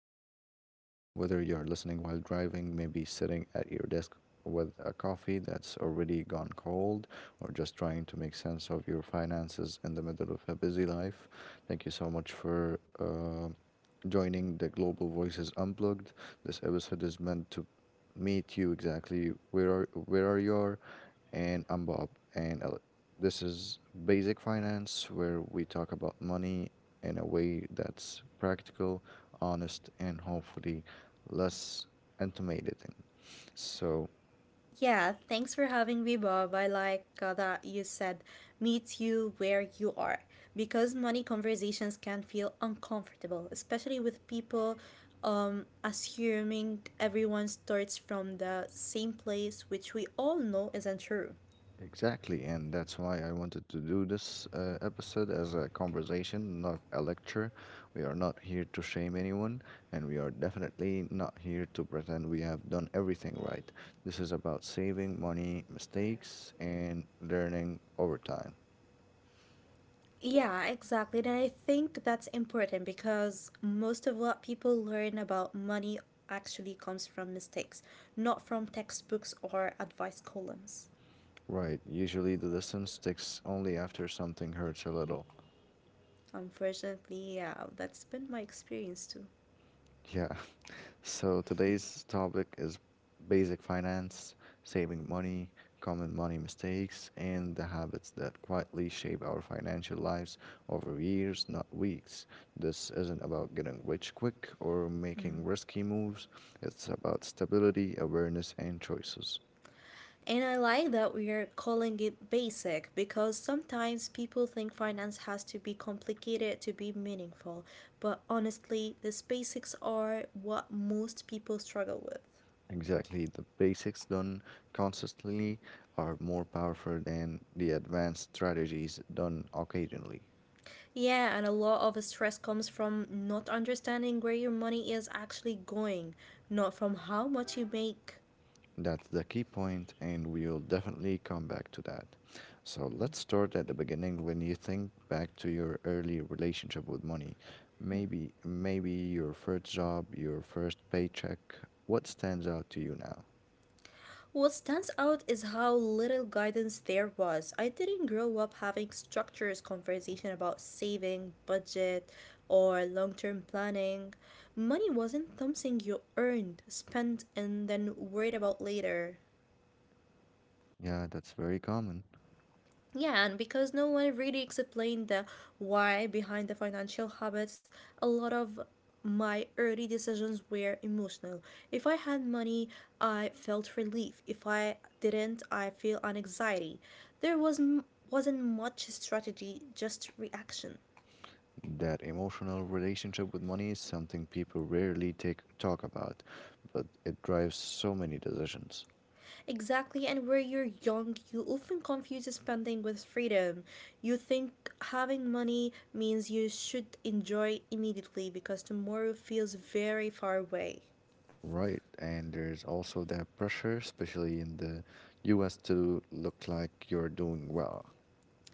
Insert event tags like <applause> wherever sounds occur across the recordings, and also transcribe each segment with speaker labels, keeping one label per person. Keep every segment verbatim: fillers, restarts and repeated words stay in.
Speaker 1: you're here today. Whether you're listening while driving, maybe sitting at your desk with a coffee that's already gone cold, or just trying to make sense of your finances in the middle of a busy life, thank you so much for uh, joining the Global Voices Unplugged. This episode is meant to meet you exactly where are where are you and I'm Bob. And uh, this is Basic Finance, where we talk about money in a way that's practical, honest, and hopefully less intimidating. So,
Speaker 2: Yeah, thanks for having me, Bob. I like uh, that you said meet you where you are, because money conversations can feel uncomfortable, especially with people um, assuming everyone starts from the same place, which we all know isn't true.
Speaker 1: exactly. And that's why I wanted to do this uh, episode as a conversation, not a lecture. We are not here to shame anyone, and we are definitely not here to pretend we have done everything right. This is about saving money, mistakes, and learning over time.
Speaker 2: Yeah, exactly. And I think that's important because most of what people learn about money actually comes from mistakes, not from textbooks or advice columns.
Speaker 1: Right. Usually the lesson sticks only after something hurts a little.
Speaker 2: Unfortunately, yeah, that's been my experience too.
Speaker 1: Yeah. <laughs> So today's topic is basic finance, saving money, common money mistakes, and the habits that quietly shape our financial lives over years, not weeks. This isn't about getting rich quick or making
Speaker 2: Mm.
Speaker 1: risky moves. It's about stability, awareness, and choices.
Speaker 2: And I like that we are calling it basic because sometimes people think finance has to be complicated to be meaningful, but honestly, these basics are what most people struggle with.
Speaker 1: Exactly. The basics done consistently are more powerful than the advanced strategies done occasionally.
Speaker 2: Yeah, and a lot of stress comes from not understanding where your money is actually going, not from how much you make.
Speaker 1: That's the key point, and we'll definitely come back to that. So let's start at the beginning when you think back to your early relationship with money. Maybe maybe your first job, your first paycheck. What stands out to you now?
Speaker 2: What stands out is how little guidance there was. I didn't grow up having structures conversation about saving, budget, or long-term planning. Money wasn't something you earned, spent, and then worried about later.
Speaker 1: Yeah, that's very common.
Speaker 2: Yeah, and because no one really explained the why behind the financial habits, a lot of my early decisions were emotional. If I had money, I felt relief. If I didn't, I feel an anxiety. There was m- wasn't much strategy, just reaction.
Speaker 1: That emotional relationship with money is something people rarely take talk about, but it drives so many decisions.
Speaker 2: Exactly, and where you're young, you often confuse spending with freedom. You think having money means you should enjoy immediately because tomorrow feels very far away.
Speaker 1: Right, and there's also that pressure, especially in the U S, to look like you're doing well.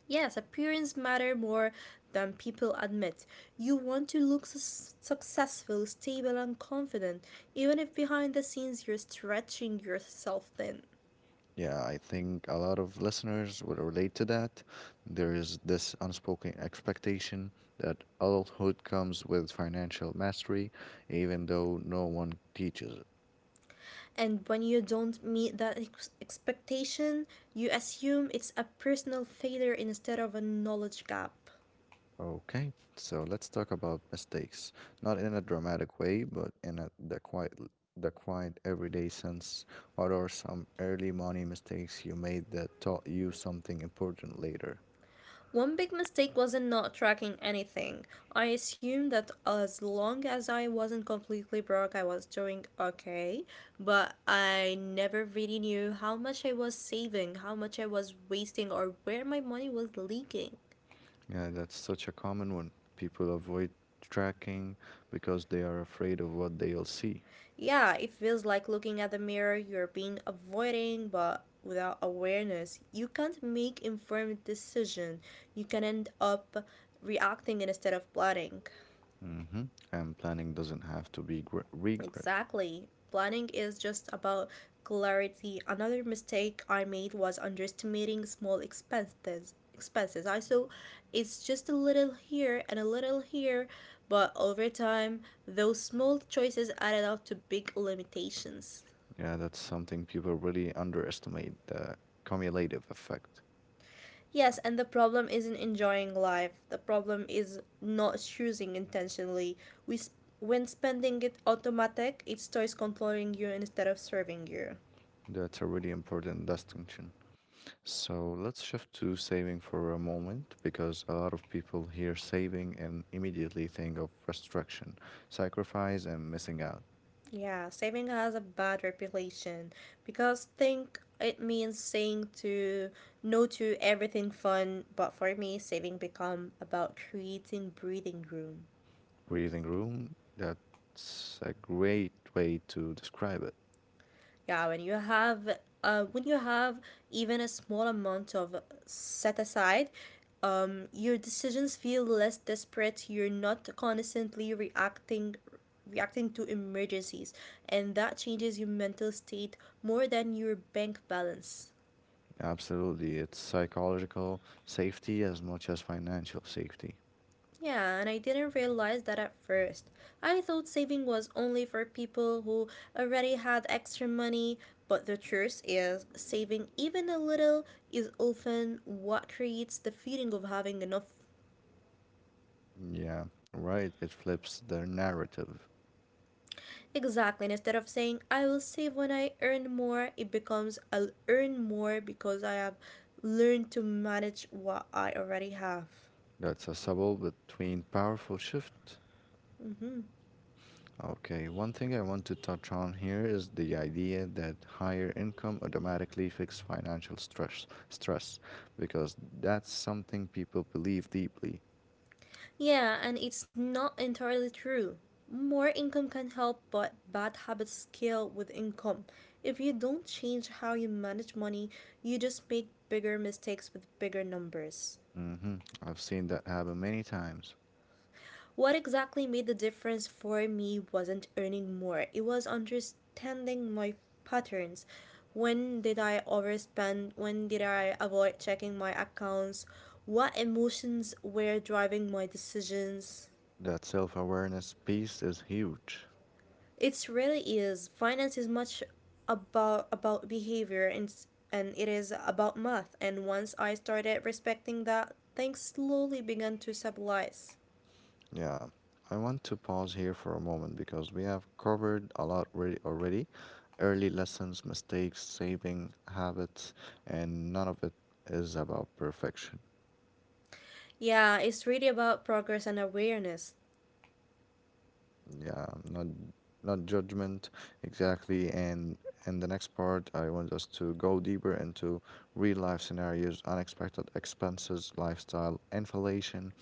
Speaker 2: Yes, appearance matter more than people admit. You want to look sus- successful, stable, and confident, even if behind the scenes you're stretching yourself thin.
Speaker 1: Yeah, I think a lot of listeners will relate to that. There is this unspoken expectation that adulthood comes with financial mastery, even though no one teaches it.
Speaker 2: And when you don't meet that ex- expectation, you assume it's a personal failure instead of a knowledge gap.
Speaker 1: Okay, so let's talk about mistakes. Not in a dramatic way, but in a, the quiet, the quiet everyday sense. What are some early money mistakes you made that taught you something important later?
Speaker 2: One big mistake was in not tracking anything. I assumed that as long as I wasn't completely broke, I was doing okay, but I never really knew how much I was saving, how much I was wasting, or where my money was leaking.
Speaker 1: Yeah, that's such a common one. People avoid tracking because they are afraid of what they'll see.
Speaker 2: Yeah, it feels like looking at the mirror you're being avoiding, but without awareness, you can't make informed decision. You can end up reacting instead of planning.
Speaker 1: hmm And planning doesn't have to be gre- regret.
Speaker 2: Exactly. Planning is just about clarity. Another mistake I made was underestimating small expenses. Expenses. I saw it's just a little here and a little here, but over time, those small choices added up to big limitations.
Speaker 1: Yeah, that's something people really underestimate the cumulative effect.
Speaker 2: Yes, and the problem isn't enjoying life. The problem is not choosing intentionally. We sp- when spending it automatic, it starts controlling you instead of serving you.
Speaker 1: That's a really important distinction. So let's shift to saving for a moment because a lot of people hear saving and immediately think of restriction, sacrifice, and missing out.
Speaker 2: Yeah, saving has a bad reputation because think it means saying to no to everything fun, but for me saving become about creating breathing room.
Speaker 1: Breathing room, that's a great way to describe it.
Speaker 2: Yeah, when you have uh when you have even a small amount of set aside, um your decisions feel less desperate, you're not constantly reacting reacting to emergencies, and that changes your mental state more than your bank balance.
Speaker 1: Absolutely, it's psychological safety as much as financial safety.
Speaker 2: Yeah, and I didn't realize that at first. I thought saving was only for people who already had extra money, but the truth is, saving even a little is often what creates the feeling of having enough.
Speaker 1: Yeah, right, it flips the narrative.
Speaker 2: Exactly, and instead of saying, I will save when I earn more, it becomes, I'll earn more because I have learned to manage what I already have.
Speaker 1: That's a subtle between powerful shift.
Speaker 2: Mm-hmm.
Speaker 1: Okay, one thing I want to touch on here is the idea that higher income automatically fix financial stress, stress, because that's something people believe deeply.
Speaker 2: Yeah, and it's not entirely true. More income can help, but bad habits scale with income. If you don't change how you manage money, you just make bigger mistakes with bigger numbers.
Speaker 1: hmm I've seen that happen many times.
Speaker 2: What exactly made the difference for me wasn't earning more, it was understanding my patterns. When did I overspend? When did I avoid checking my accounts? What emotions were driving my decisions?
Speaker 1: That self-awareness piece is huge.
Speaker 2: It's really is. Finance is much about about behavior and and it is about math. And once I started respecting that, things slowly began to stabilize.
Speaker 1: Yeah, I want to pause here for a moment because we have covered a lot re- already. Early lessons, mistakes, saving habits, and none of it is about perfection.
Speaker 2: Yeah, it's really about progress and awareness.
Speaker 1: Yeah, not not judgment exactly, and in the next part I want us to go deeper into real life scenarios, unexpected expenses, lifestyle inflation,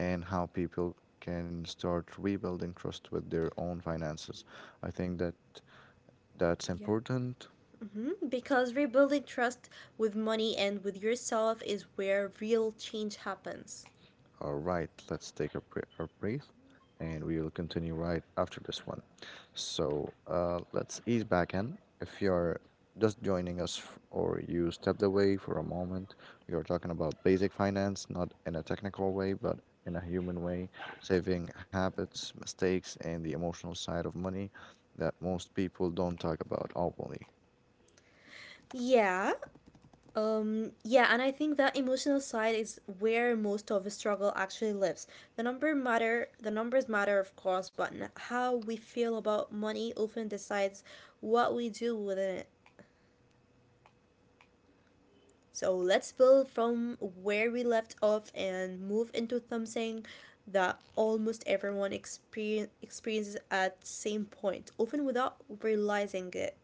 Speaker 1: and how people can start rebuilding trust with their own finances. I think that that's
Speaker 2: Yeah.
Speaker 1: important.
Speaker 2: Hmm. Because rebuilding trust with money and with yourself is where real change happens.
Speaker 1: All right, let's take a, br- a breath and we will continue right after this one. So uh, let's ease back in. If you're just joining us f- or you stepped away for a moment, we are talking about basic finance, not in a technical way, but in a human way, saving habits, mistakes, and the emotional side of money that most people don't talk about openly.
Speaker 2: Yeah, Um, yeah, and I think that emotional side is where most of the struggle actually lives. The number matter, the numbers matter, of course, but n- how we feel about money often decides what we do with it. So let's build from where we left off and move into something that almost everyone experience, experiences at same point, often without realizing it.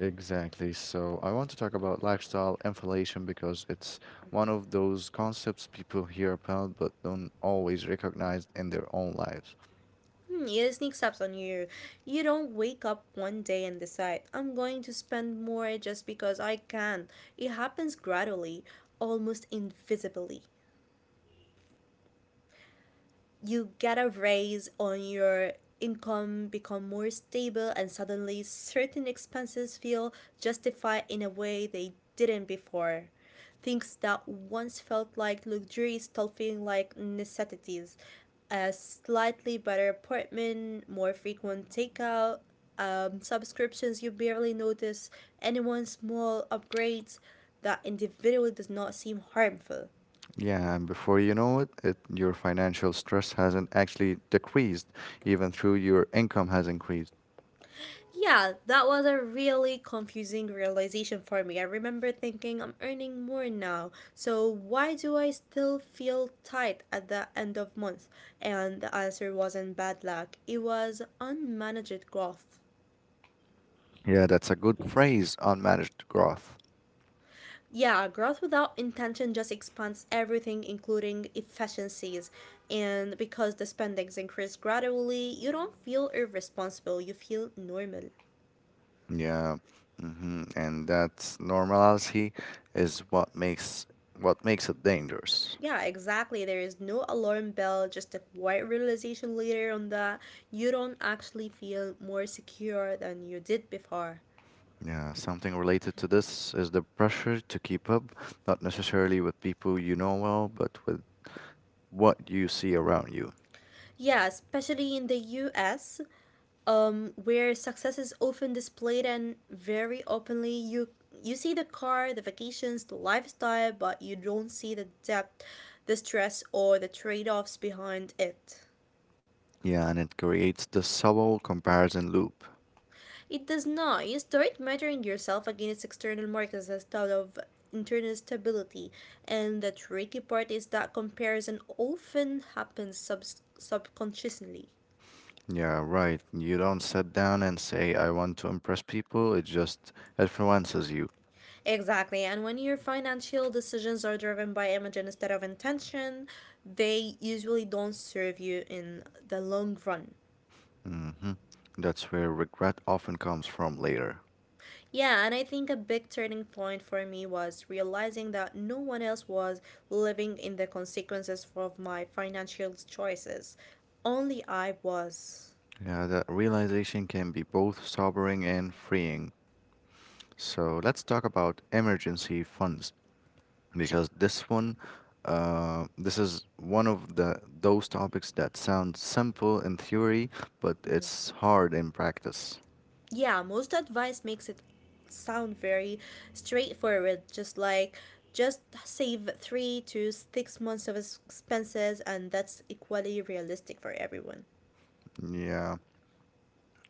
Speaker 1: Exactly. So I want to talk about lifestyle inflation because it's one of those concepts people hear about but don't always recognize in their own lives.
Speaker 2: Hmm, yeah, it sneaks up on you. You don't wake up one day and decide, I'm going to spend more just because I can. It happens gradually, almost invisibly. You get a raise on your income become more stable, and suddenly certain expenses feel justified in a way they didn't before. Things that once felt like luxuries start feeling like necessities, a slightly better apartment, more frequent takeout, um, subscriptions you barely notice, anyone small upgrades that individually does not seem harmful.
Speaker 1: Yeah, and before you know it, it your financial stress hasn't actually decreased, even though your income has increased.
Speaker 2: Yeah, that was a really confusing realization for me. I remember thinking I'm earning more now, so why do I still feel tight at the end of month? And the answer wasn't bad luck, it was unmanaged growth.
Speaker 1: Yeah, that's a good phrase, unmanaged growth.
Speaker 2: Yeah, growth without intention just expands everything, including efficiencies. And because the spendings increase gradually, you don't feel irresponsible, you feel normal.
Speaker 1: Yeah, hmm and that normality is what makes what makes it dangerous.
Speaker 2: Yeah, exactly. There is no alarm bell, just a quiet realization later on that you don't actually feel more secure than you did before.
Speaker 1: Yeah, something related to this is the pressure to keep up, not necessarily with people you know well, but with what you see around you.
Speaker 2: Yeah, especially in the U S, um, where success is often displayed and very openly. You you see the car, the vacations, the lifestyle, but you don't see the depth, the stress, or the trade offs behind it.
Speaker 1: Yeah, and it creates the subtle comparison loop.
Speaker 2: It does not. You start measuring yourself against external markers instead of internal stability. And the tricky part is that comparison often happens sub- subconsciously.
Speaker 1: Yeah, right. You don't sit down and say, I want to impress people, it just influences you.
Speaker 2: Exactly. And when your financial decisions are driven by emotion instead of intention, they usually don't serve you in the long run.
Speaker 1: hmm That's where regret often comes from later.
Speaker 2: Yeah, and I think a big turning point for me was realizing that no one else was living in the consequences of my financial choices. Only I was.
Speaker 1: Yeah, that realization can be both sobering and freeing. So let's talk about emergency funds, because this one uh, this is one of the those topics that sound simple in theory but
Speaker 2: Mhm.
Speaker 1: it's hard in practice.
Speaker 2: Yeah, most advice makes it sound very straightforward, just like just save three to six months of expenses, and that's equally realistic for everyone.
Speaker 1: Yeah,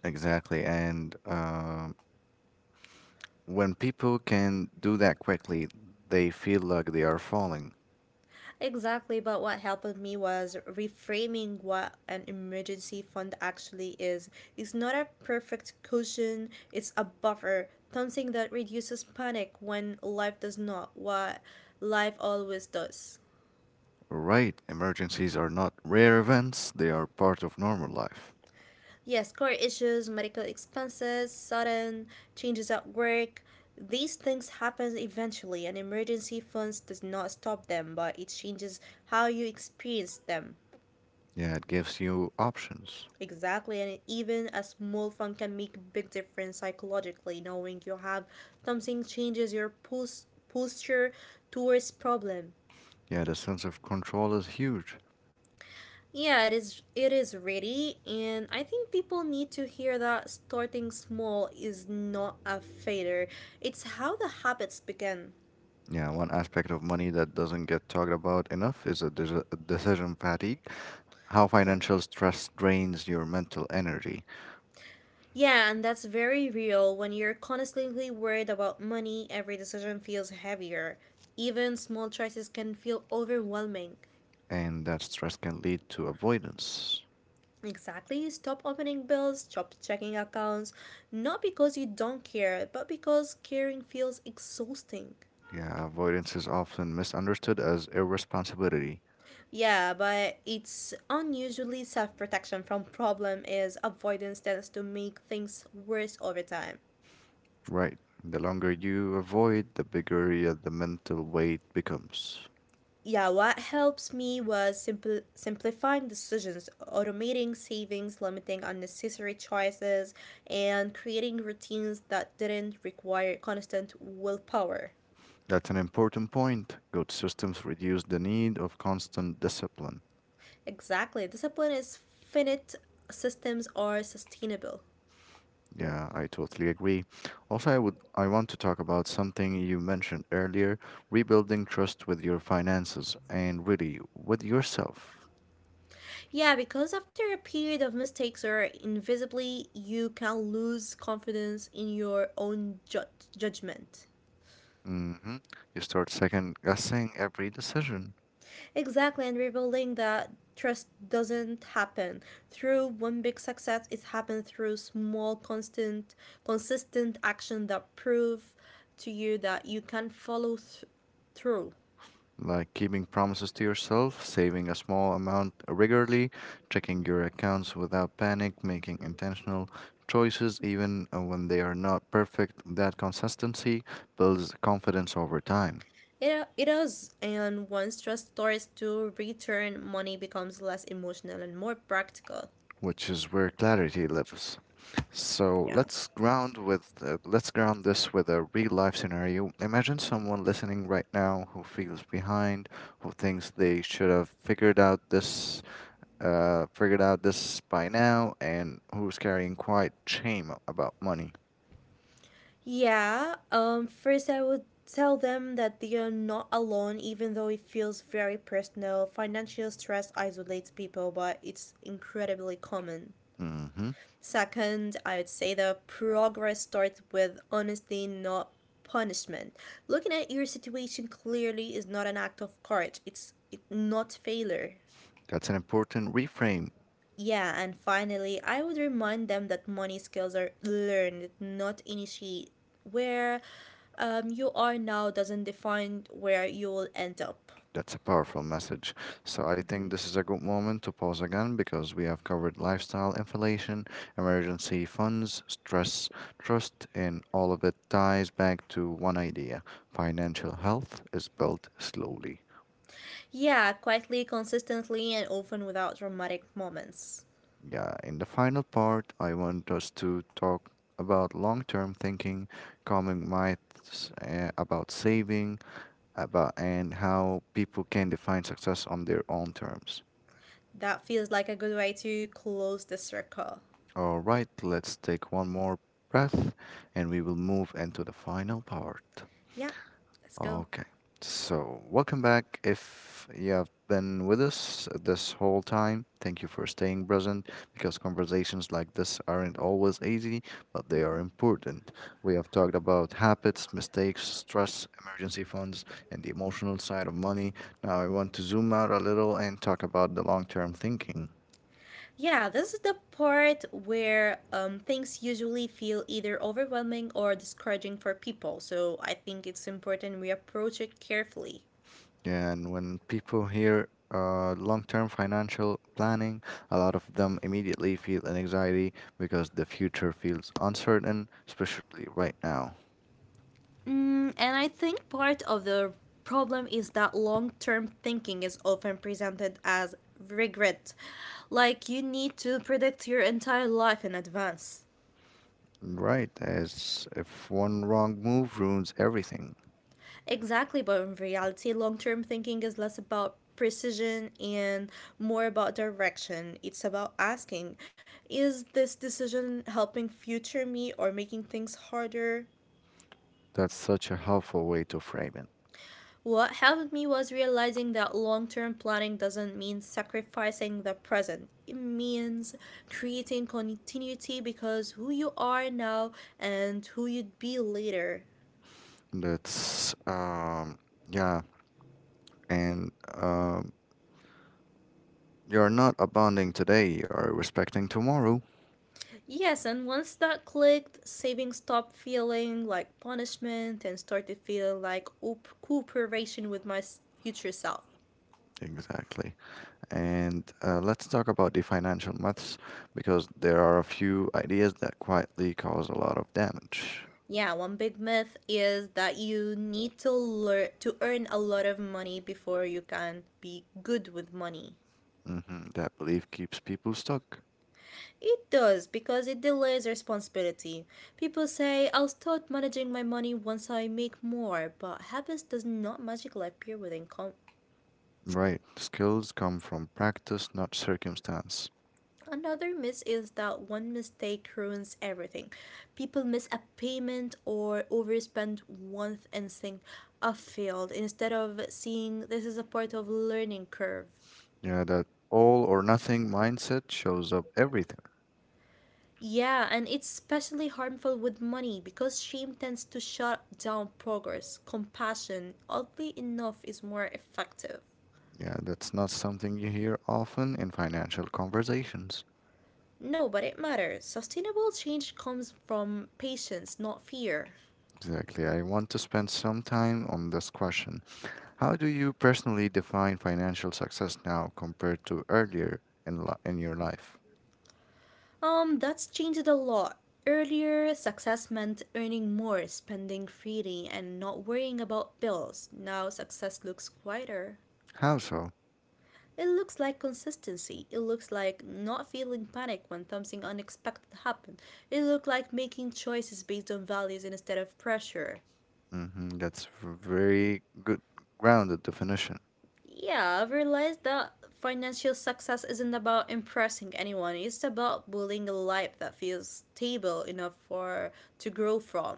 Speaker 1: exactly. And uh, when people can do that quickly, they feel like they are falling.
Speaker 2: Exactly, but what helped me was reframing what an emergency fund actually is. It's not a perfect cushion, it's a buffer, something that reduces panic when life does not what life always does.
Speaker 1: Right, emergencies are not rare events, they are part of normal life.
Speaker 2: Yes, core issues, medical expenses, sudden changes at work, these things happen eventually and emergency funds does not stop them, but it changes how you experience them.
Speaker 1: Yeah, it gives you options.
Speaker 2: Exactly, and even a small fun can make a big difference psychologically. Knowing you have something changes your pos- posture towards problem.
Speaker 1: Yeah, the sense of control is huge.
Speaker 2: Yeah, it is. It is ready, and I think people need to hear that starting small is not a failure. It's how the habits begin.
Speaker 1: Yeah, one aspect of money that doesn't get talked about enough is a deci- decision fatigue, how
Speaker 2: Yeah.
Speaker 1: financial stress drains your mental energy,
Speaker 2: Yeah, and that's very real. When you're constantly worried about money, every decision feels heavier. Even small choices can feel overwhelming.
Speaker 1: and that stress can lead to avoidance.
Speaker 2: Exactly. Stop opening bills, stop checking accounts, not because you don't care, but because caring feels exhausting.
Speaker 1: Yeah, avoidance is often misunderstood as irresponsibility.
Speaker 2: Yeah, but it's unusually self protection from problem is avoidance tends to make things worse over time.
Speaker 1: Right. The longer you avoid, the bigger y- the mental weight becomes.
Speaker 2: Yeah, what helps me was simple simplifying decisions, automating savings, limiting unnecessary choices, and creating routines that didn't require constant willpower.
Speaker 1: That's an important point. Good systems reduce the need of constant discipline.
Speaker 2: Exactly. Discipline is finite, systems are sustainable.
Speaker 1: Yeah, I totally agree. Also, I would I want to talk about something you mentioned earlier, rebuilding trust with your finances and really with yourself.
Speaker 2: Yeah, because after a period of mistakes or invisibly, you can lose confidence in your own ju- judgment.
Speaker 1: hmm You start second guessing every decision,
Speaker 2: Exactly, and rebuilding that trust doesn't happen through one big success. It happens through small, constant, consistent action that prove to you that you can follow th- through.
Speaker 1: like keeping promises to yourself, saving a small amount regularly, checking your accounts without panic, making intentional choices even uh, when they are not perfect. That consistency builds confidence over time,
Speaker 2: It, it is, and once trust starts to return, money becomes less emotional and more practical.
Speaker 1: which is where clarity lives. So
Speaker 2: Yeah.
Speaker 1: let's ground with uh, let's ground this with a real life scenario. Imagine someone listening right now who feels behind, who thinks they should have figured out this uh, figured out this by now, and who's carrying quiet shame about money.
Speaker 2: Yeah, um, first I would tell them that they are not alone, even though it feels very personal. Financial stress isolates people, but it's incredibly common.
Speaker 1: hmm
Speaker 2: Second, I would say the progress starts with honesty, not punishment. Looking at your situation clearly is not an act of courage, it's it, not failure.
Speaker 1: That's an important reframe.
Speaker 2: Yeah, and finally, I would remind them that money skills are learned, not initiated. Where um, you are now doesn't define where you will end up.
Speaker 1: That's a powerful message. So I think this is a good moment to pause again because we have covered lifestyle, inflation, emergency funds, stress, trust, and all of it ties back to one idea. Financial health is built slowly.
Speaker 2: Yeah, quietly, consistently, and often without dramatic moments.
Speaker 1: Yeah, in the final part, I want us to talk about long-term thinking, common myths uh, about saving, about and how people can define success on their own terms.
Speaker 2: That feels like a good way to close the circle.
Speaker 1: All right, let's take one more breath and we will move into the final part.
Speaker 2: Yeah, let's go.
Speaker 1: Okay, so welcome back. If you have been with us this whole time, thank you for staying present because conversations like this aren't always easy, but they are
Speaker 2: Mhm.
Speaker 1: important. We have talked about habits, mistakes, stress, emergency funds, and the emotional side of money. Now I want to zoom out a little and talk about the long term thinking.
Speaker 2: Yeah, this is the part where um, things usually feel either overwhelming or discouraging for people, so I think it's important we approach it carefully.
Speaker 1: And when people hear uh, long term financial planning, a lot of them immediately feel an anxiety because the future feels uncertain, especially right now.
Speaker 2: And I think part of the problem is that long term thinking is often presented as regret. Like you need to predict your entire life in advance.
Speaker 1: Right, as if one wrong move ruins everything.
Speaker 2: Exactly, but in reality, long term thinking is less about precision and more about direction. It's about asking is this decision helping future me or making things harder?
Speaker 1: That's such a helpful way to frame it.
Speaker 2: What helped me was realizing that long term planning doesn't mean sacrificing the present. It means creating continuity because who you are now and who you'd be later.
Speaker 1: That's um yeah, and um you're not abounding today, you're respecting tomorrow.
Speaker 2: Yes, and once that clicked, saving stopped feeling like punishment and started feeling like op- cooperation with my s- future self.
Speaker 1: Exactly. And uh, let's talk about the financial myths because there are a few ideas that quietly cause a lot of damage.
Speaker 2: Yeah, one big myth is that you need to learn to earn a lot of money before you can be good with money.
Speaker 1: hmm That belief keeps people stuck.
Speaker 2: It does because it delays responsibility. People say I'll start managing my money once I make more, but habits does not magically appear with income.
Speaker 1: Right. Skills come from practice, not circumstance.
Speaker 2: Another myth is that one mistake ruins everything. People miss a payment or overspend once and think I failed instead of seeing this is a part of learning curve.
Speaker 1: Yeah, that all or nothing mindset shows up everything.
Speaker 2: Yeah, and it's especially harmful with money because shame tends to shut down progress. Compassion, oddly enough, is more effective.
Speaker 1: Yeah, that's not something you hear often in financial conversations.
Speaker 2: No, but it matters. Sustainable change comes from patience, not fear.
Speaker 1: Exactly. I want to spend some time on this question. How do you personally define financial success now compared to earlier in li- in your life?
Speaker 2: Um, that's changed a lot. Earlier, success meant earning more, spending freely, and not worrying about bills. Now, success looks quieter.
Speaker 1: How so?
Speaker 2: It looks like consistency. It looks like not feeling panic when something unexpected happens. It looks like making choices based on values instead of pressure.
Speaker 1: hmm That's v- very good grounded definition.
Speaker 2: Yeah, I've realized that financial success isn't about impressing anyone. It's about building a life that feels stable enough for to grow from.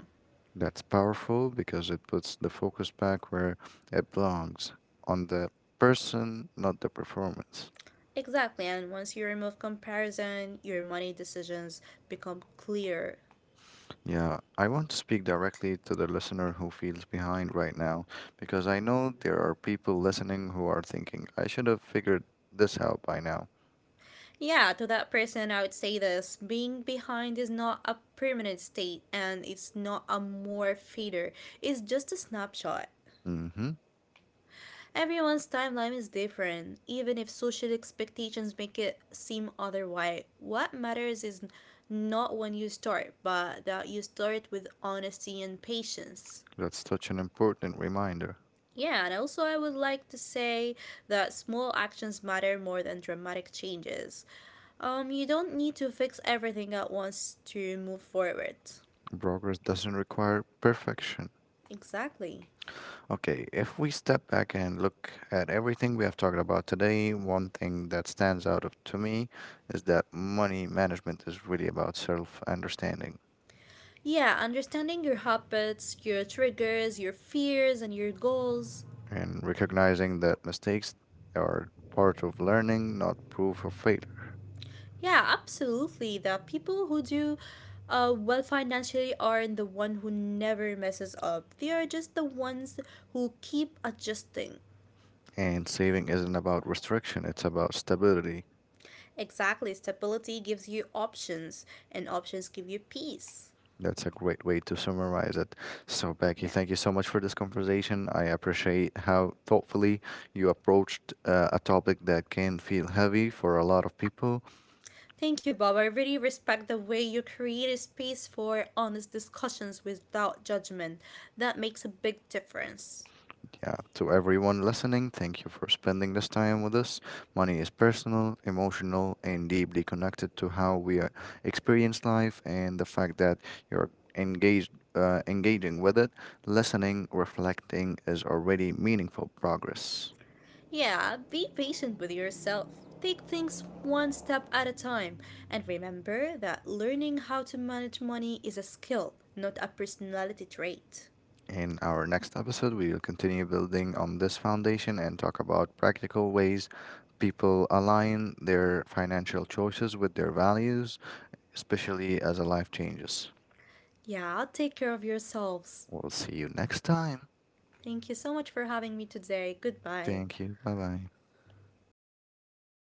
Speaker 1: That's powerful because it puts the focus back where it belongs, on the person, not the performance.
Speaker 2: Exactly, and once you remove comparison, your money decisions become clear.
Speaker 1: Yeah, I want to speak directly to the listener who feels behind right now because I know there are people listening who are thinking, I should have figured this out by now.
Speaker 2: Yeah, to that person, I would say this being behind is not a permanent state and it's not a more fader, it's just a snapshot.
Speaker 1: Mm-hmm.
Speaker 2: Everyone's timeline is different, even if social expectations make it seem otherwise. What matters is not when you start, but that you start with honesty and patience.
Speaker 1: That's such an important reminder.
Speaker 2: Yeah, and also I would like to say that small actions matter more than dramatic changes. Um, you don't need to fix everything at once to move forward.
Speaker 1: Progress doesn't require perfection.
Speaker 2: Exactly.
Speaker 1: Okay, if we step back and look at everything we have talked about today, one thing that stands out of- to me is that money management is really about self understanding,
Speaker 2: Yeah, understanding your habits, your triggers, your fears, and your goals.
Speaker 1: and recognizing that mistakes are part of learning, not proof of failure.
Speaker 2: Yeah, absolutely. The people who do uh, well financially are not the one who never messes up. They are just the ones who keep adjusting.
Speaker 1: And saving isn't about restriction, it's about stability.
Speaker 2: Exactly. Stability gives you options, and options give you peace.
Speaker 1: That's a great way to summarize it. So, Becky,
Speaker 2: Yeah.
Speaker 1: thank you so much for this conversation. I appreciate how thoughtfully you approached uh, a topic that can feel heavy for a lot of people.
Speaker 2: Thank you, Bob. I really respect the way you create a space for honest discussions without judgment. That makes a big difference.
Speaker 1: Yeah, to everyone listening, thank you for spending this time with us. Money is personal, emotional, and deeply connected to how we uh, experience life, and the fact that you're engaged uh, engaging with it, listening, reflecting is already meaningful progress.
Speaker 2: Yeah, be patient with yourself. Take things one step at a time. And remember that learning how to manage money is a skill, not a personality trait.
Speaker 1: In our next episode, we will continue building on this foundation and talk about practical ways people align their financial choices with their values, especially as a life changes.
Speaker 2: Yeah, take care of yourselves.
Speaker 1: We'll see you next time.
Speaker 2: Thank you so much for having me today. Goodbye.
Speaker 1: Thank you. Bye bye.